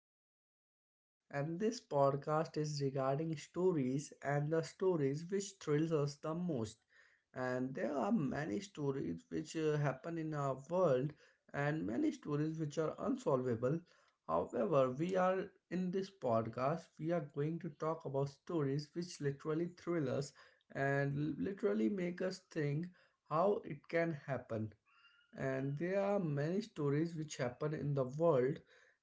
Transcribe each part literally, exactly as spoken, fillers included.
uh, podcast. And this podcast is regarding stories and the stories which thrills us the most. And there are many stories which uh, happen in our world and many stories which are unsolvable. However, we are in this podcast, we are going to talk about stories which literally thrill us and literally make us think how it can happen, and there are many stories which happen in the world,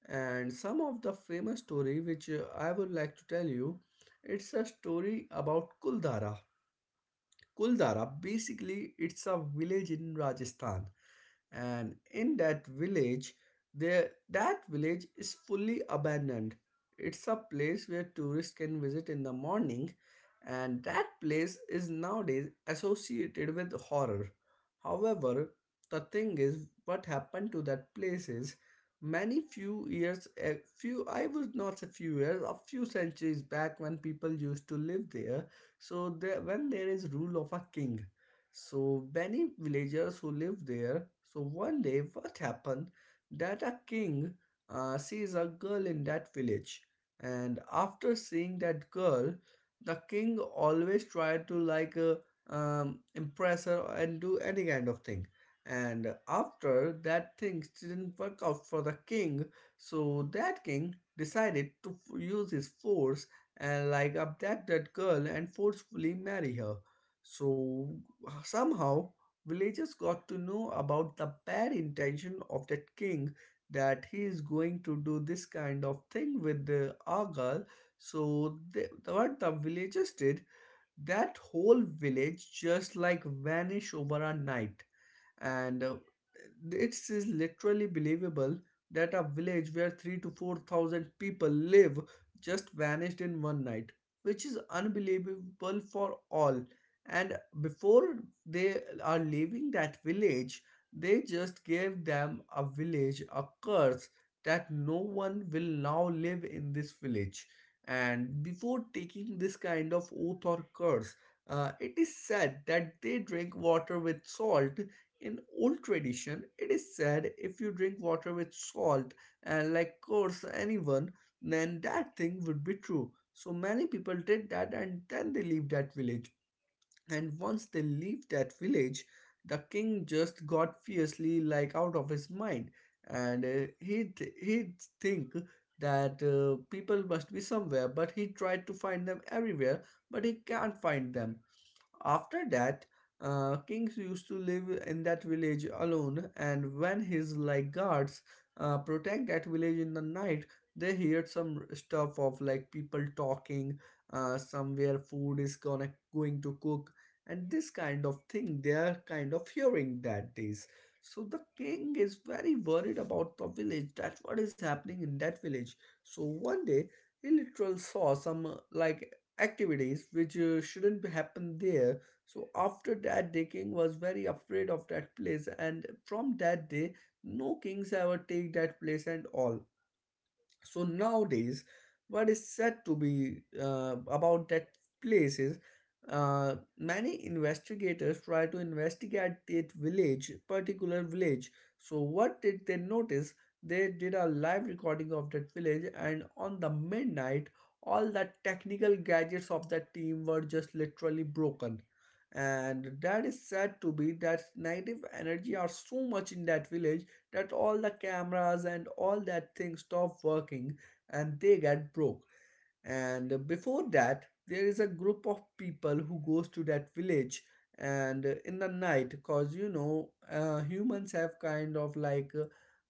and some of the famous story which uh, i would like to tell you, it's a story about kuldara. Kuldara, basically, it's a village in Rajasthan, and in that village, there that village is fully abandoned. It's a place where tourists can visit in the morning, and that place is nowadays associated with horror. However, the thing is, what happened to that place is many few years a few I was not a few years a few centuries back when people used to live there. So there, when there is rule of a king, so many villagers who live there. So one day, what happened that a king uh, sees a girl in that village, and after seeing that girl, the king always tried to like uh, um, impress her and do any kind of thing. And after that thing didn't work out for the king, so that king decided to f- use his force and like abduct that girl and forcefully marry her. So somehow villagers got to know about the bad intention of that king, that he is going to do this kind of thing with the Argal. So they, what the villagers did, that whole village just like vanished over a night. And uh, it is literally believable that a village where three to four thousand people live just vanished in one night, which is unbelievable for all. And before they are leaving that village, they just gave them a village a curse that no one will now live in this village. And before taking this kind of oath or curse, uh, it is said that they drink water with salt. In old tradition, it is said if you drink water with salt and like curse anyone, then that thing would be true. So many people did that and then they leave that village. And once they leave that village, the king just got fiercely like out of his mind, and uh, he th- he think that uh, people must be somewhere, but he tried to find them everywhere, but he can't find them. After that, uh, kings used to live in that village alone, and when his like guards uh, protect that village in the night, they heard some stuff of like people talking, uh, somewhere food is gonna going to cook, and this kind of thing. They are kind of hearing that days. So the king is very worried about the village. That's what is happening in that village. So one day he literally saw some uh, like activities which uh, shouldn't happen there. So after that day, king was very afraid of that place, and from that day, no kings ever take that place and all. So nowadays what is said to be uh, about that place is, uh, many investigators try to investigate that village particular village. So what did they notice? They did a live recording of that village, and on the midnight all the technical gadgets of that team were just literally broken, and that is said to be that negative energy are so much in that village that all the cameras and all that thing stop working and they get broke. And before that, there is a group of people who goes to that village, and in the night, because you know, uh, humans have kind of like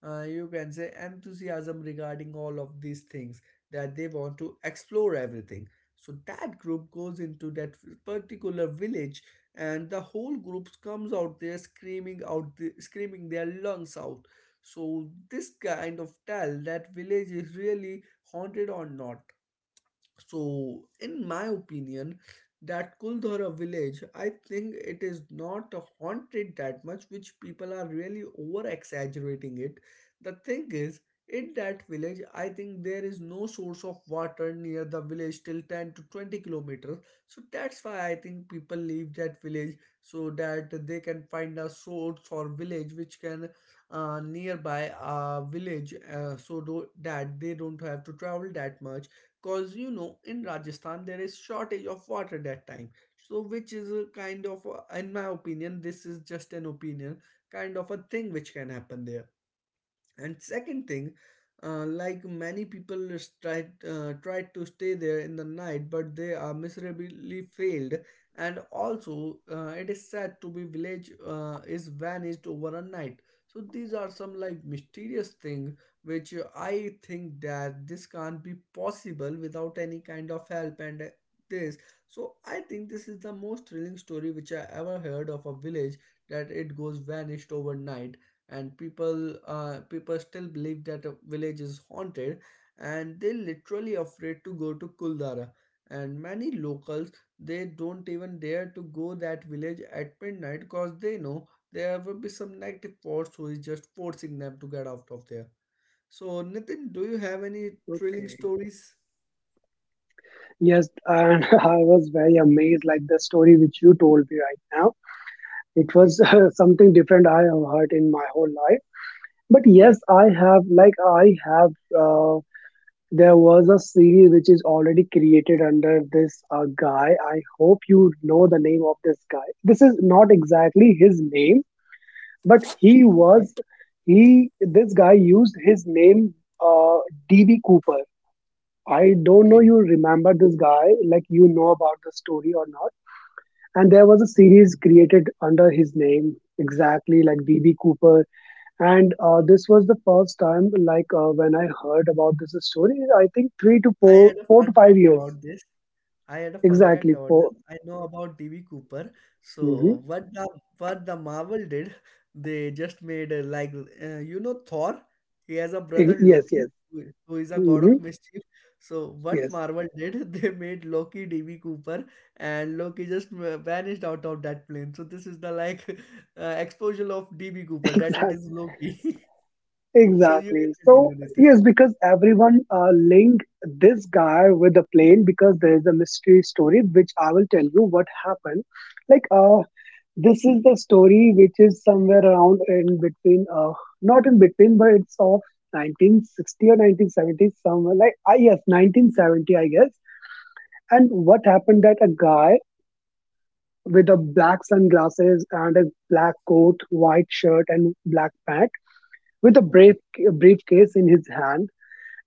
uh, you can say enthusiasm regarding all of these things, that they want to explore everything. So that group goes into that particular village, and the whole group comes out there screaming out the, screaming their lungs out. So this kind of tell that village is really haunted or not. So, in my opinion, that Kuldhara village, I think it is not haunted that much, which people are really over exaggerating it. The thing is, in that village, I think there is no source of water near the village till ten to twenty kilometers. So that's why I think people leave that village so that they can find a source or village which can uh, nearby a village, uh, so do- that they don't have to travel that much. Cause you know, in Rajasthan there is shortage of water that time, so which is a kind of a- in my opinion, this is just an opinion, kind of a thing which can happen there. And second thing, uh, like many people tried uh, tried to stay there in the night, but they are miserably failed. And also, uh, it is said to be village uh, is vanished over a night. So these are some like mysterious thing which, uh, I think that this can't be possible without any kind of help. And uh, this so i think this is the most thrilling story which I ever heard, of a village that it goes vanished overnight. And people uh, people still believe that a village is haunted, and they're literally afraid to go to kuldara. And many locals, they don't even dare to go that village at midnight, because they know there will be some negative force who is just forcing them to get out of there. So Nitin, do you have any thrilling Okay. stories? Yes, and I was very amazed, like the story which you told me right now. It Okay. was uh, something different I have heard in my whole life. But Okay. yes, I have, like, I have, uh, there was a series which is already created under this uh, guy. I hope you know the name of this guy. This is not exactly his name, but he Okay. was, he, this guy used his name, uh, D B Cooper. I don't know Okay. you remember this guy, like you know about the story or not. And there was a series created under his name, exactly like B B Cooper. And uh, this was the first time, like uh, when I heard about this story, I think Okay. three to I had four, a four fun to five fact about years, this. I had a fun fact exactly about them. four. I know about D B Cooper. So Mm-hmm. what the what the Marvel did, they just made uh, like uh, you know, Thor. He has a brother Yes, Loki, yes. who who is a god Mm-hmm. of mischief. So what Yes, Marvel did, they made Loki D B Cooper, and Loki just uh, vanished out of that plane. So this is the like uh, exposure of D B Cooper, that it exactly. is Loki. so you can Exactly. So, continue with it. yes, because everyone uh, linked this guy with the plane because there is a mystery story, which I will tell you what happened. Like, uh, this is the story which is somewhere around in between, uh, not in between, but it's of nineteen sixty or nineteen seventy, somewhere like, I yes, nineteen seventy, I guess. And what happened that a guy with a black sunglasses and a black coat, white shirt, and black pant with a brief, Okay. briefcase in his hand,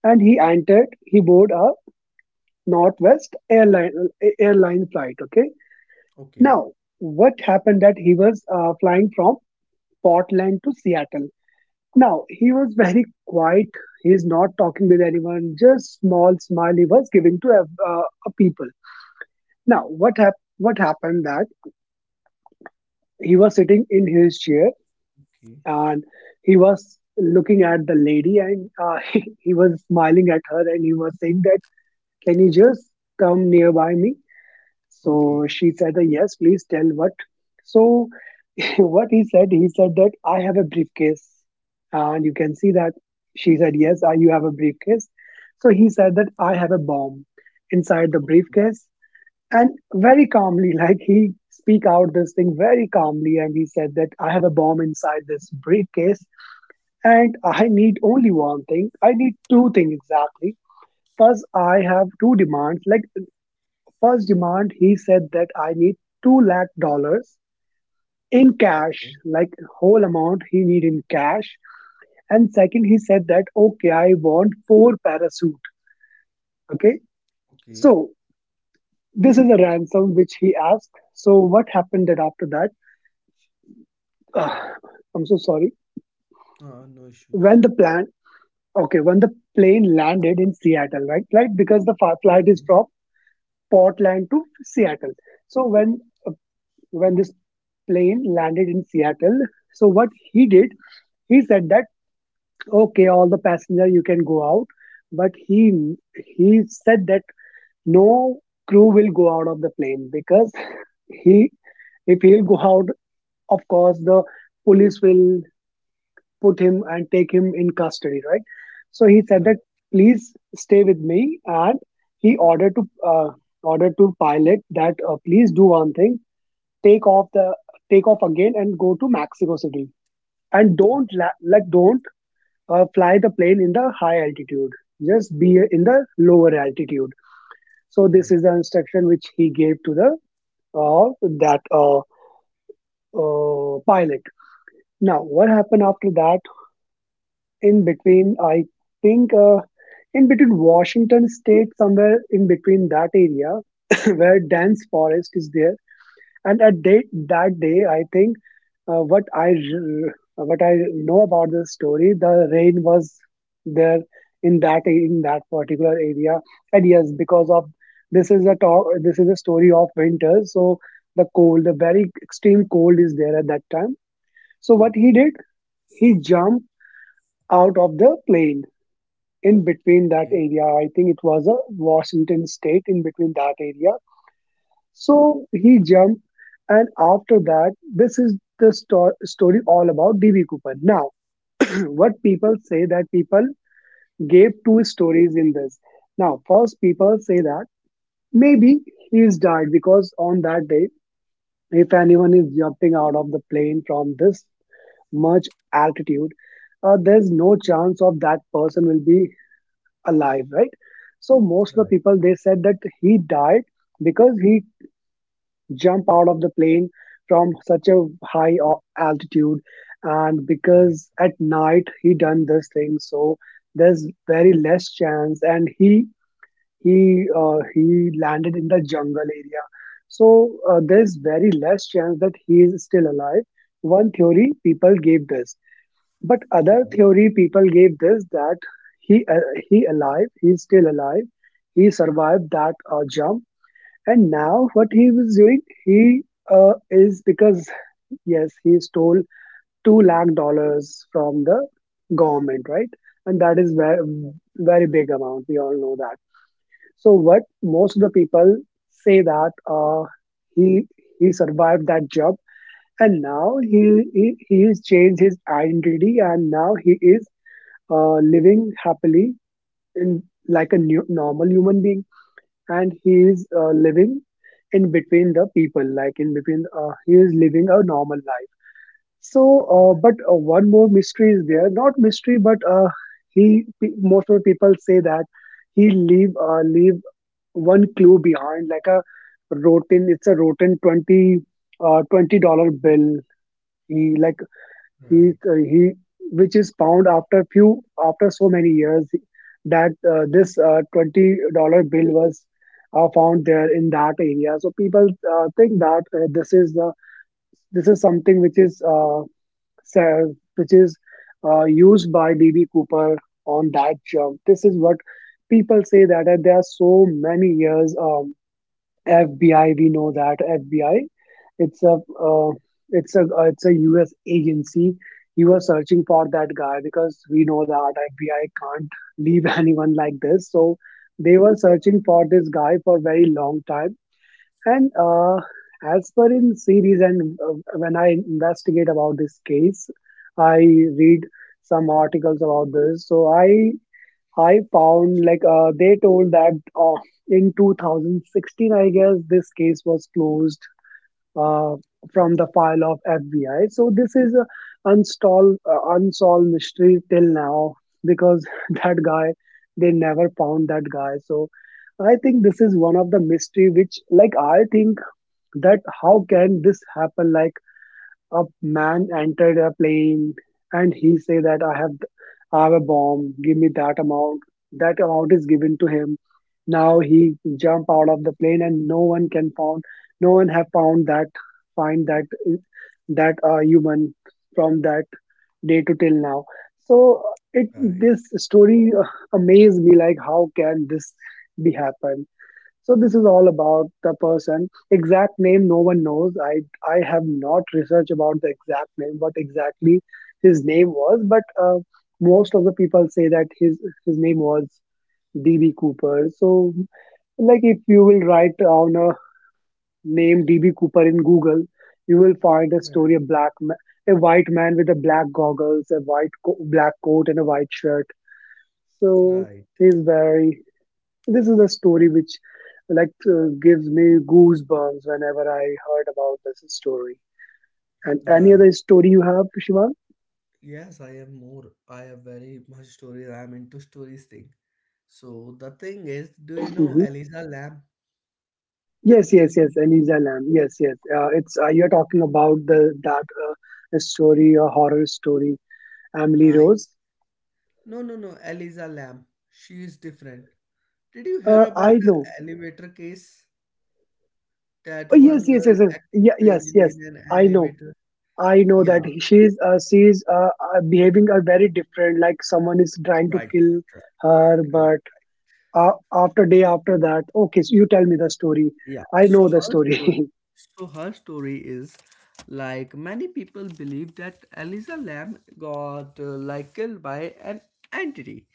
and he entered he boarded a northwest airline uh, airline flight. Okay, Okay. now what happened that he was uh, flying from Portland to Seattle. Now he was very quiet, he's not talking with anyone, just small smile he was giving to ev- uh, uh, people. Now what hap- what happened that he was sitting in his chair, Okay. and he was looking at the lady, and uh, he, he was smiling at her, and he was saying that, can you just come nearby me? So Okay. she said that, yes, please tell what. So what he said, he said that I have a briefcase. And you can see that, she said, yes, I, you have a briefcase. So he said that I have a bomb inside the Okay. briefcase. And very calmly, like he speak out this thing very calmly. And he said that I have a bomb inside this briefcase. And I need only one thing. I need two things exactly. First, I have two demands. Like first demand, he said that I need two lakh dollars in cash, Okay. like whole amount he need in cash. And second, he said that okay, I want four parachute. Okay, Okay. so this is a ransom which he asked. So what happened that after that? Ah, I'm so sorry. Ah, no issues. When the plan, okay, when the plane landed in Seattle, right, right, because the flight is Okay. from Portland to Seattle. So when when this plane landed in Seattle. So what he did, he said that okay, all the passenger you can go out, but he he said that no crew will go out of the plane, because he, if he'll go out, of course the police will put him and take him in custody, right? So he said that Right. please stay with me, and he ordered to uh, ordered to pilot that uh, please do one thing, take off the take off again and go to Mexico City. And Okay. don't la- like don't uh, fly the plane in the high altitude. Just be in the lower altitude. So this Right. is the instruction which he gave to the uh, that uh, uh, pilot. Now what happened after that? In between, I think uh, in between Washington State, somewhere in between that area where dense forest is there. And at day, that day, I think uh, what I r- what I know about this story, the rain was there in that in that particular area, and yes, because of this is a talk, this is a story of winter, so the cold, the very extreme cold, is there at that time. So what he Okay. did, he jumped out of the plane in between that Okay. area. I think it was a Washington state in between that area, so he jumped, and after that, this is the sto- story all about D B Cooper. Now, what people say that people gave two stories in this. Now, first, people say that maybe he is died because on that day, if anyone is jumping out of the plane from this much altitude, uh, there's no chance of that person will be alive, right? So most of the people they said that he died because he jump out of the plane from such a high o- altitude, and because at night he done this thing, so there's very less chance, and he he uh, he landed in the jungle area, so uh, there's very less chance that he is still alive. One theory people gave this, but other theory people gave this, that he uh, he alive he's still alive. He survived that uh, jump, and now what he was doing, he uh, is because yes, he stole two lakh dollars from the government, right? And that is very very big amount. We all know that. So what most of the people say that uh, he he survived that job, and now he he he has changed his identity, and now he is uh, living happily in like a new normal human being, and he is uh, living in between the people, like in between, uh, he is living a normal life. So Right. uh, but uh, one more mystery is there, not mystery but uh, he pe- most of the people say that he leave uh, leave one clue behind, like a rotten it's a rotten twenty uh, twenty dollar bill he like he Right. uh, he, which is found after few after so many years, that uh, this uh, twenty dollar bill was uh, found there in that area. So people uh, think that uh, this is the this is something which is uh, se- which is uh, used by D B Cooper on that jump. This is what people say that uh, there are so many years. Um, F B I, we know that F B I it's a uh, it's a uh, it's a U S agency. He was searching for that guy because we know that F B I can't leave anyone like this. So they were searching for this guy for a very long time. And uh, as per in series, and uh, when I investigate about this case, I read some articles about this. So I I found like uh, they told that uh, in two thousand sixteen, I guess this case was closed uh, Okay. from the file of F B I. So this is a unsolved uh, unsolved mystery till now, because that guy, they never found that guy. So I think this is one of the mystery, which like I think that how can this happen, like a man entered a plane, and he say that I have I have a bomb, give me that amount. That amount is given to him. Now he jump out of the plane, and no one can found no one have found that, find that that uh, human from that day to till now. So it Right. this story uh, amazed me like how can this be happen? So this is all about the person. Exact name no one knows. I I have not researched about the exact name, what exactly his name was, but uh, most of the people say that his his name was D B Cooper. So like if you will write down a name D B Cooper in Google, you will find a story, a Right. black ma- a white man with a black goggles, a white co- black coat, and a white shirt. So Right. he's very, this is a story which like uh, gives me goosebumps whenever I heard about this story. And any other Right. story you have, Shivan? Yes, I am more. I have very much stories. I am into stories thing. So the thing is, do you know Hmm. Eliza Lamb? Yes, yes, yes. Eliza Lamb. Yes, yes. Uh, it's uh, you're talking about the that uh, story, a horror story, Emily I Rose. No, no, no, Eliza Lamb. She is different. Did you hear Uh, I about the know. elevator case? That Oh, yes, one yes, girl yes, yes. acting Yeah, yes, strangely yes. in an I know. elevator? I know Yeah, that she's uh, she's uh, uh, behaving a very different. Like someone is trying to right, kill right, her, right, right. but uh, after day after that okay, so you tell me the story. Yeah, I so know the her story. story, so her story is like, many people believe that Eliza Lamb got uh, like killed by an entity.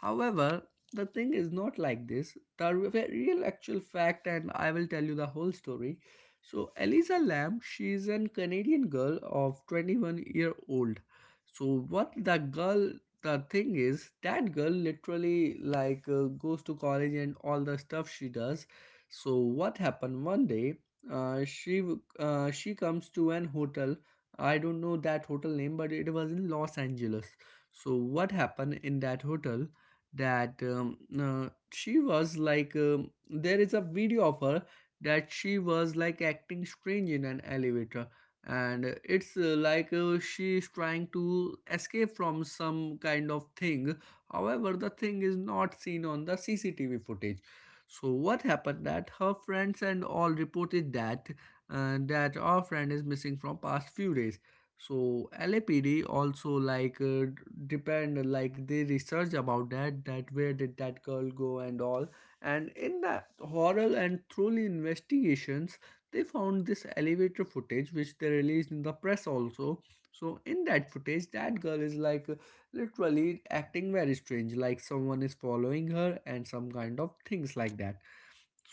However, the thing is not like this. The re- real actual fact, and I will tell you the whole story. So, Eliza Lamb, she is an Canadian girl of twenty-one year old. So, what the girl, the thing is, that girl literally like uh, goes to college and all the stuff she does. So, what happened one day? Uh, she w- uh, she comes to an hotel. I don't know that hotel name, but it was in Los Angeles. So, what happened in that hotel? That um, uh, she was like um, there is a video of her that she was like acting strange in an elevator, and uh, it's uh, like uh, she is trying to escape from some kind of thing. However, the thing is not seen on the CCTV footage. So what happened that her friends and all reported that uh, that our friend is missing from past few days. So L A P D also like uh, depend, like they research about that, that where did that girl go and all. And in the horror and truly investigations, they found this elevator footage which they released in the press also. So in that footage, that girl is like, uh, literally acting very strange, like someone is following her and some kind of things like that.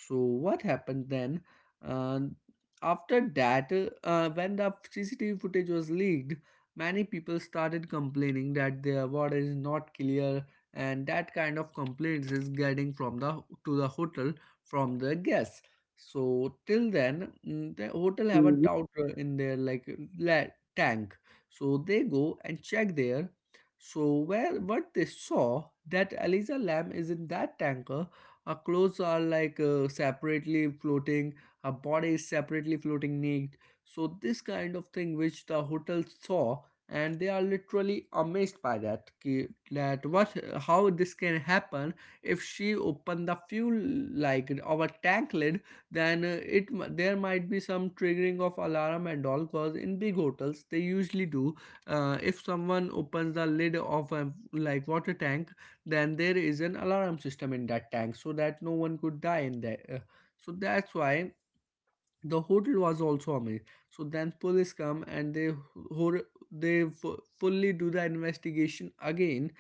So what happened then? Uh, After that, uh, when the C C T V footage was leaked, many people started complaining that their water is not clear, and that kind of complaints is getting from the to the hotel from the guests. So till then, mm, the hotel have a Mhm, tower in their like la- tank. So they go and check there. So where what they saw that Eliza Lam is in that tanker, our clothes are like uh, separately floating, our body is separately floating naked. So, this kind of thing which the hotel saw, and they are literally amazed by that. ki- That what, how this can happen? If she opened the fuel like our tank lid, then uh, it m- there might be some triggering of alarm and all. Cause in big hotels they usually do. Uh, if someone opens the lid of a like water tank, then there is an alarm system in that tank so that no one could die in there. Uh, so that's why the hotel was also amazed. So then police come and they hor- they fu- fully do the investigation again,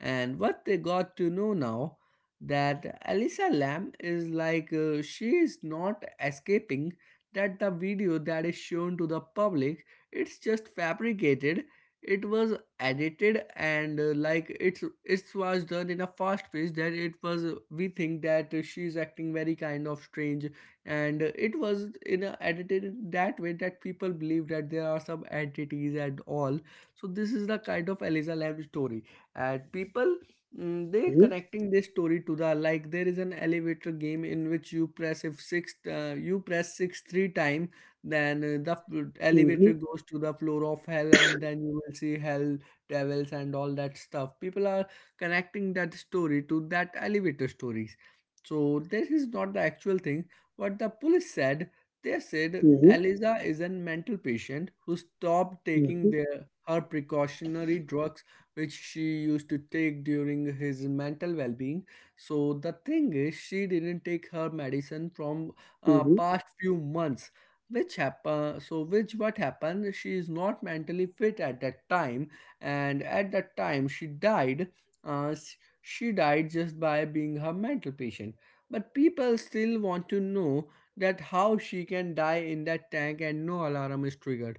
and what they got to know now that Alisa Lam is like uh, she is not escaping. That the video that is shown to the public, it's just fabricated. It was edited and uh, like it's it was done in a fast pace that it was uh, we think that she is acting very kind of strange, and it was in a, edited in that way that people believe that there are some entities and all. So this is the kind of eliza lamb story. And people mm, they mhm, connecting this story to the like there is an elevator game in which you press if six uh, you press six three time. Then uh, the f- elevator mhm, goes to the floor of hell and then you will see hell, devils and all that stuff. People are connecting that story to that elevator stories. So this is not the actual thing. What the police said, they said mhm, Eliza is a mental patient who stopped taking mhm, their, her precautionary drugs, which she used to take during his mental well being. So, the thing is, she didn't take her medicine from uh, mhm, past few months. Which happened, so which what happened, she is not mentally fit at that time, and at that time she died. Uh, s- she died just by being her mental patient. But people still want to know that how she can die in that tank and no alarm is triggered.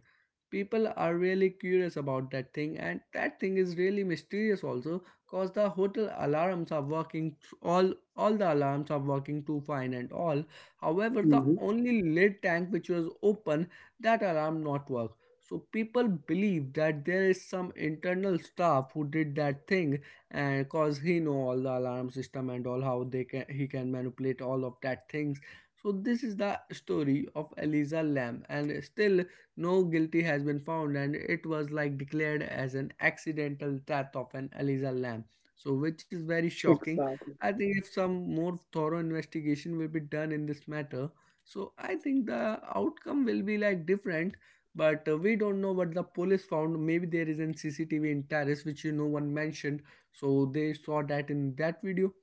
People are really curious about that thing, and that thing is really mysterious also, cause the hotel alarms are working th- all all the alarms are working too fine and all. However, the mhm. only lid tank which was open, that alarm not work. So people believe that there is some internal staff who did that thing, and cause he know all the alarm system and all how they can he can manipulate all of that things. So this is the story of eliza Lam, and still no guilty has been found and it was like declared as an accidental death of an eliza Lam. So which is very shocking. Exactly. I think if some more thorough investigation will be done in this matter, so I think the outcome will be like different. But uh, we don't know what the police found. Maybe there is an cctv in terrace which you know one mentioned, so they saw that in that video.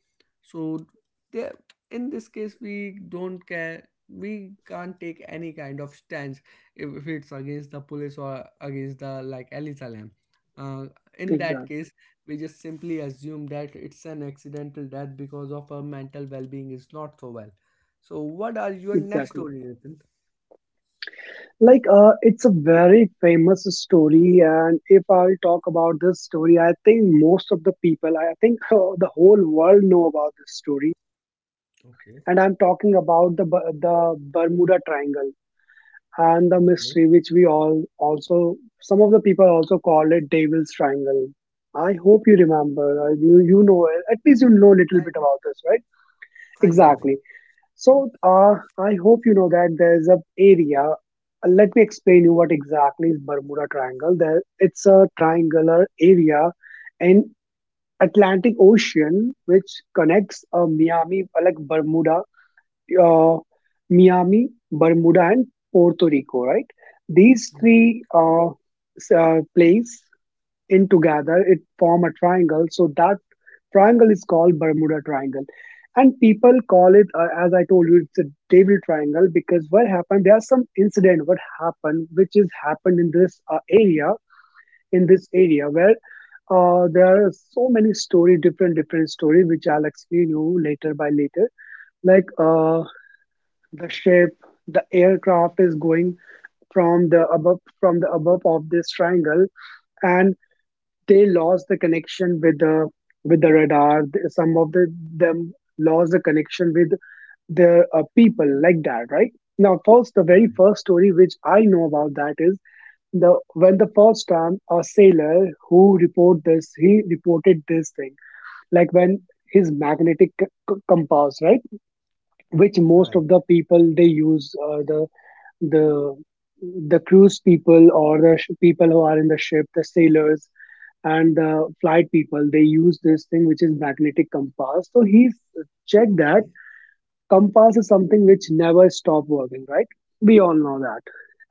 So there, in this case we don't care, we can't take any kind of stance, if, if it's against the police or against the like elisa lam. uh, in that Exactly. case, we just simply assume that it's an accidental death because of her mental well-being is not so well. So what are your next Exactly, story Nitin? like uh, it's a very famous story, and if I'll talk about this story, I think most of the people, I think the whole world know about this story. Okay. And I'm talking about the Bu- the Bermuda Triangle, and the Okay. mystery which we all also, some of the people also call it devil's triangle. I hope you remember, uh, you you know it. At least you know a little I bit know. about this, right? I know. I Exactly. know. So uh, I hope you know that there's a area Uh, let me explain you what exactly is Bermuda Triangle there. It's a triangular area in Atlantic Ocean which connects uh, Miami, uh, like Bermuda, uh, Miami, Bermuda, and Puerto Rico, right? These three uh, s- uh, place in together, it form a triangle. So that triangle is called Bermuda Triangle. And people call it, uh, as I told you, it's a devil triangle because what happened, there are some incident what happened, which is happened in this uh, area, in this area where uh, there are so many story, different, different story, which I'll explain you later by later. Like uh, the ship, the aircraft is going from the above from the above of this triangle, and they lost the connection with the with the radar. Some of the them lost the connection with their uh, people like that, right? Now, first, the Right. very Right. first story which I know about that is the when the first time a sailor who report this, he reported this thing like when his magnetic c- c- compass, right? Which most Right. of the people they use uh, the the the cruise people or the sh- people who are in the ship, the sailors and the flight people, they use this thing which is magnetic compass. So he's checked that Okay. compass is something which never stop working, right? We all know that.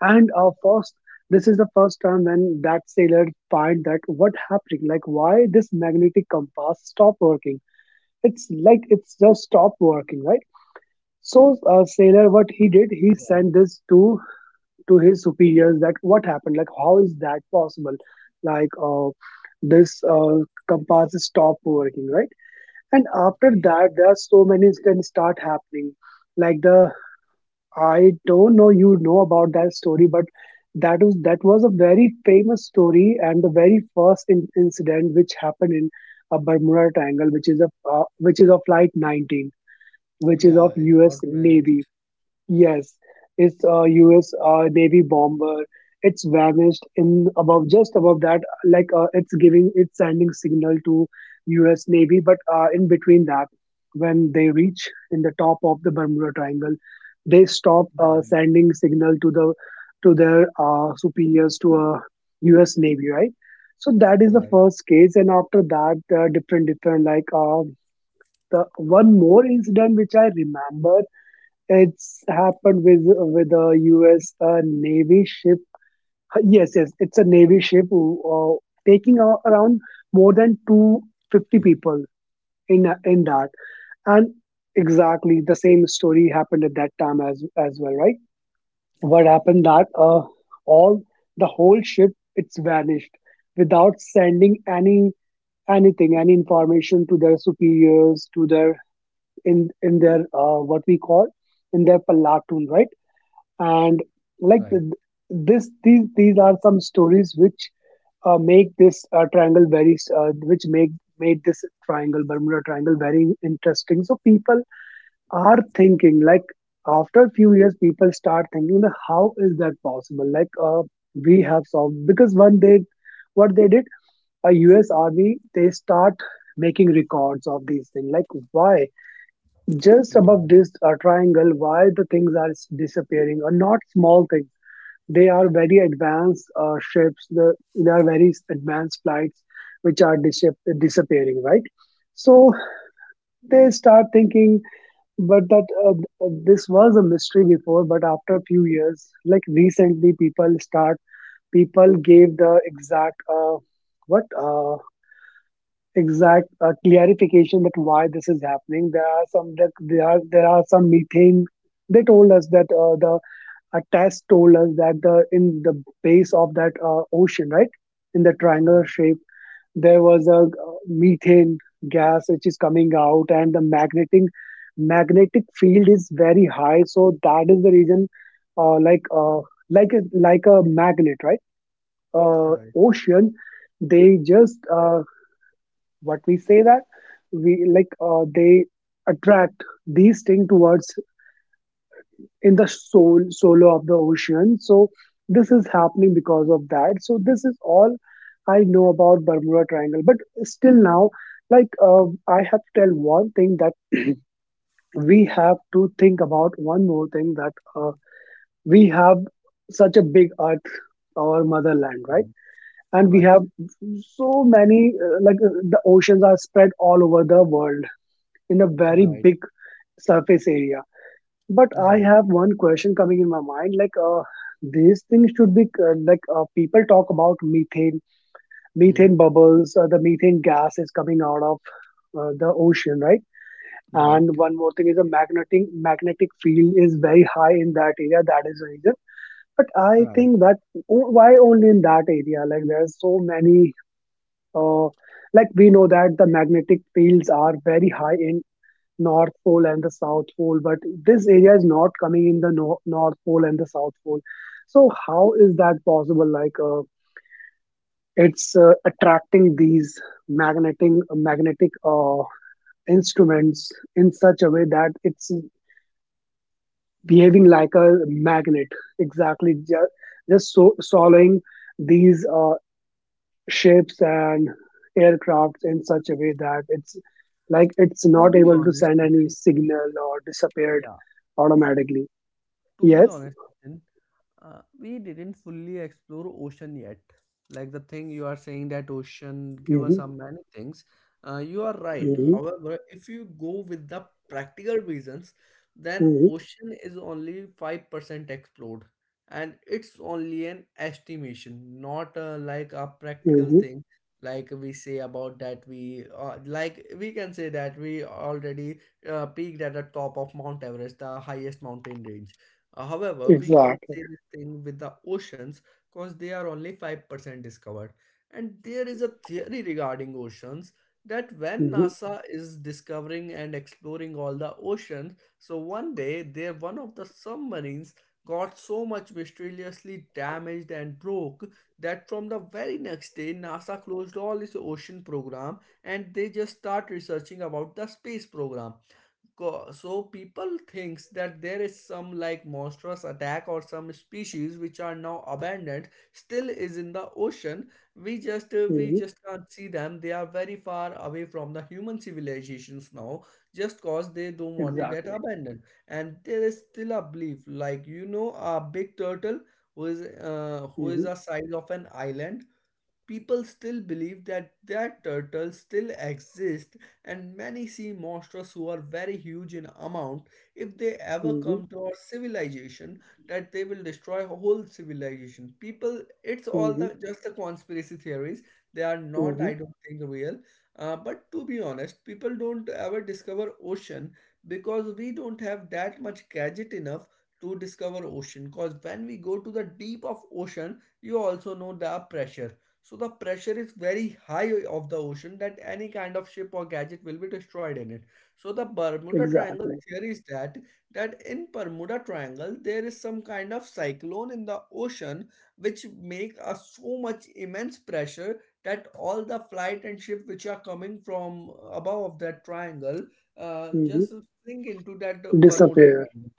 And uh, first this is the first time when that sailor find that what happening, like why this magnetic compass stop working. It's like it's just stopped working, right? So uh, sailor what he did, he Right. sent this to to his superiors that what happened, like how is that possible, like uh, this uh, compass stop working, right? And after Okay. that there are so many incidents start happening. Like the, I don't know you know about that story, but that was that was a very famous story. And the very first in, incident which happened in a Bermuda Triangle, which is a uh, which is of flight nineteen, which is Yeah, of it got US Navy. vanished. Yes, it's a U S uh, Navy bomber. It's vanished in above just above that, like uh, it's giving it's sending signal to U S Navy, but uh, in between that, when they reach in the top of the Bermuda Triangle, they stop uh, Right, sending signal to the to their uh, superiors to a U S Navy, right? So that is the right, first case, and after that, uh, different different like uh, the one more incident which I remember, it's happened with with a U S. Uh, Navy ship. Yes, yes, it's a Navy ship who, uh, taking a- around more than two fifty okay, people in a- in that, and exactly the same story happened at that time as as well, right? What okay, happened that uh, all the whole ship it's vanished without sending any anything any information to their superiors to their in in their uh, what we call in their platoon, right? And like right, th- this these these are some stories which uh, make this uh, triangle very uh, which make made this triangle Bermuda Triangle very interesting. So people are thinking like after a few years, people start thinking that how is that possible, like uh, we have solved. Because one, they what they did, a US army they start making records of these things, like why just above right, this uh, triangle, why the things are s- disappearing? Or not small things, they are very advanced uh, ships. The, there are very advanced flights which are dis- disappearing, right? So they start thinking, but that uh, this was a mystery before. But after a few years, like recently, people start people gave the exact uh, what uh, exact uh, clarification that why this is happening. There are some, that there are there are some methane. They told us that uh, the a test told us that the in the base of that uh, ocean, right, in the triangular right, shape, there was a uh, methane gas which is coming out, and the magnetic magnetic field is very high, so that is the reason, uh, like uh, like a, like a magnet, right? Uh, right, Ocean, they just uh, what we say that we, like uh, they attract these things towards in the soul solo of the ocean. So this is happening because of that. So this is all I know about Bermuda Triangle. But still now, like uh, I have to tell one thing, that we have to think about one more thing, that uh, we have such a big earth, our motherland, right? And we right, right, have so many uh, like uh, the oceans are spread all over the world in a very right, big surface area. But I right, have one question coming in my mind, like, uh, these things should be, uh, like, uh, people talk about methane, hmm, methane bubbles, uh, the methane gas is coming out of uh, the ocean, right? And right, one more thing is the magnetic magnetic field is very high in that area. That is the reason. But I right. think that o- why only in that area? Like there's so many. Uh, like we know that the magnetic fields are very high in North Pole and the South Pole, but this area is not coming in the no- North Pole and the South Pole. So how is that possible? Like uh, it's uh, attracting these magnetic magnetic uh, instruments in such a way that it's behaving like a magnet. Exactly, just just so swallowing these uh, ships and aircrafts in such a way that it's like it's To not be able to honest, send any Nitin, signal or disappeared yeah, automatically. to be Yes. honest, Nitin, uh, we didn't fully explore ocean yet. Like the thing you are saying that ocean give us hmm some many things, uh, you are right. hmm However, if you go with the practical reasons, then hmm ocean is only five percent explored, and it's only an estimation, not uh, like a practical hmm thing. Like we say about that we uh, like we can say that we already uh, peaked at the top of mount everest, the highest mountain range. Uh, however, we can't Exactly. say this thing with the oceans, because they are only five percent discovered. And there is a theory regarding oceans that when hmm NASA is discovering and exploring all the oceans, so one day there one of the submarines got so much mysteriously damaged and broke, that from the very next day NASA closed all its ocean program, and they just start researching about the space program. Co- so people thinks that there is some like monstrous attack or some species which are now abandoned still is in the ocean. We just uh, we hmm just can't see them, they are very far away from the human civilizations now, just cause they don't want to get Exactly. abandoned. And there is still a belief like you know a big turtle who is uh, who hmm is the size of an island. People still believe that that turtles still exist, and many sea monsters who are very huge in amount. If they ever hmm come to our civilization, that they will destroy whole civilization. People, it's all hmm the just the conspiracy theories. They are not, hmm I don't think, real. Uh, but to be honest, people don't ever discover ocean because we don't have that much gadget enough to discover ocean. Because when we go to the deep of ocean, you also know the pressure, so the pressure is very high of the ocean that any kind of ship or gadget will be destroyed in it. So the Bermuda Triangle Exactly. theory is that that in Bermuda Triangle there is some kind of cyclone in the ocean, which make a so much immense pressure that all the flight and ship which are coming from above of that triangle uh, hmm just sink into that Bermuda Disappear. Triangle.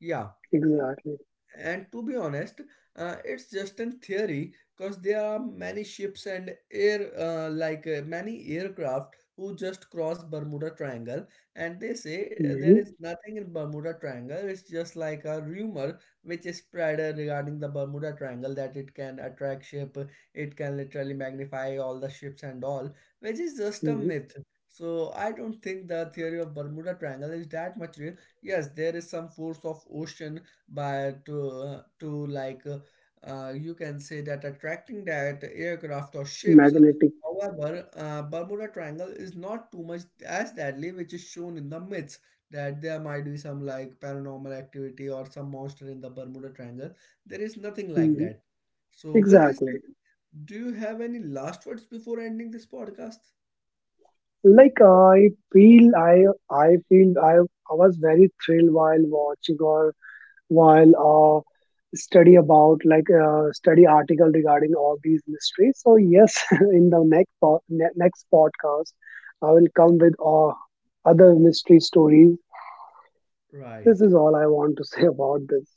Yeah, Exactly. and to be honest, uh, it's just in theory, because there are many ships and air, uh, like uh, many aircraft who just cross Bermuda Triangle, and they say uh, there hmm is nothing in Bermuda Triangle. It's just like a rumor which is spread uh, regarding the Bermuda Triangle that it can attract ship, it can literally magnify all the ships and all, which is just a hmm myth. So I don't think the theory of Bermuda Triangle is that much real. Yes, there is some force of ocean, but to, uh, to like uh, uh, you can say that attracting that aircraft or ships. Magnetic. However uh, bermuda triangle is not too much as deadly which is shown in the myths, that there might be some like paranormal activity or some monster in the bermuda triangle. There is nothing like Hmm that. So with this Exactly. Nitin, do you have any last words before ending this podcast? Like I feel, I I feel I I was very thrilled while watching or while uh, study about like uh, study article regarding all these mysteries. So yes, in the next po- ne- next podcast I will come with uh, other mystery stories. This Right. is all I want to say about this.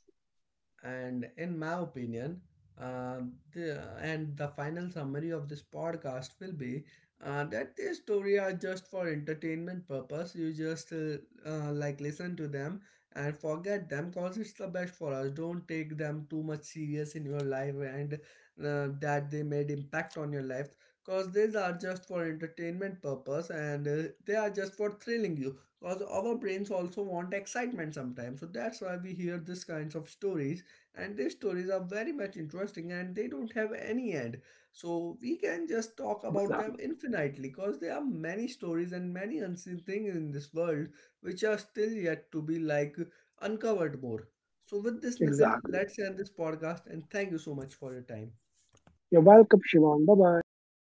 And in my opinion, um, the, and the final summary of this podcast will be uh, that these stories are just for entertainment purpose. You just uh, uh, like listen to them and forget them, because it's the best for us. Don't take them too much serious in your life and uh, that they made impact on your life, because these are just for entertainment purpose and uh, they are just for thrilling you. Because our brains also want excitement sometimes, so that's why we hear this kinds of stories. And their stories are very much interesting and they don't have any end, so we can just talk about them Exactly. infinitely, because there are many stories and many unseen things in this world which are still yet to be like uncovered more. So with this Nitin, Exactly. let's end this podcast and thank you so much for your time. You're welcome, Shivam. Bye bye.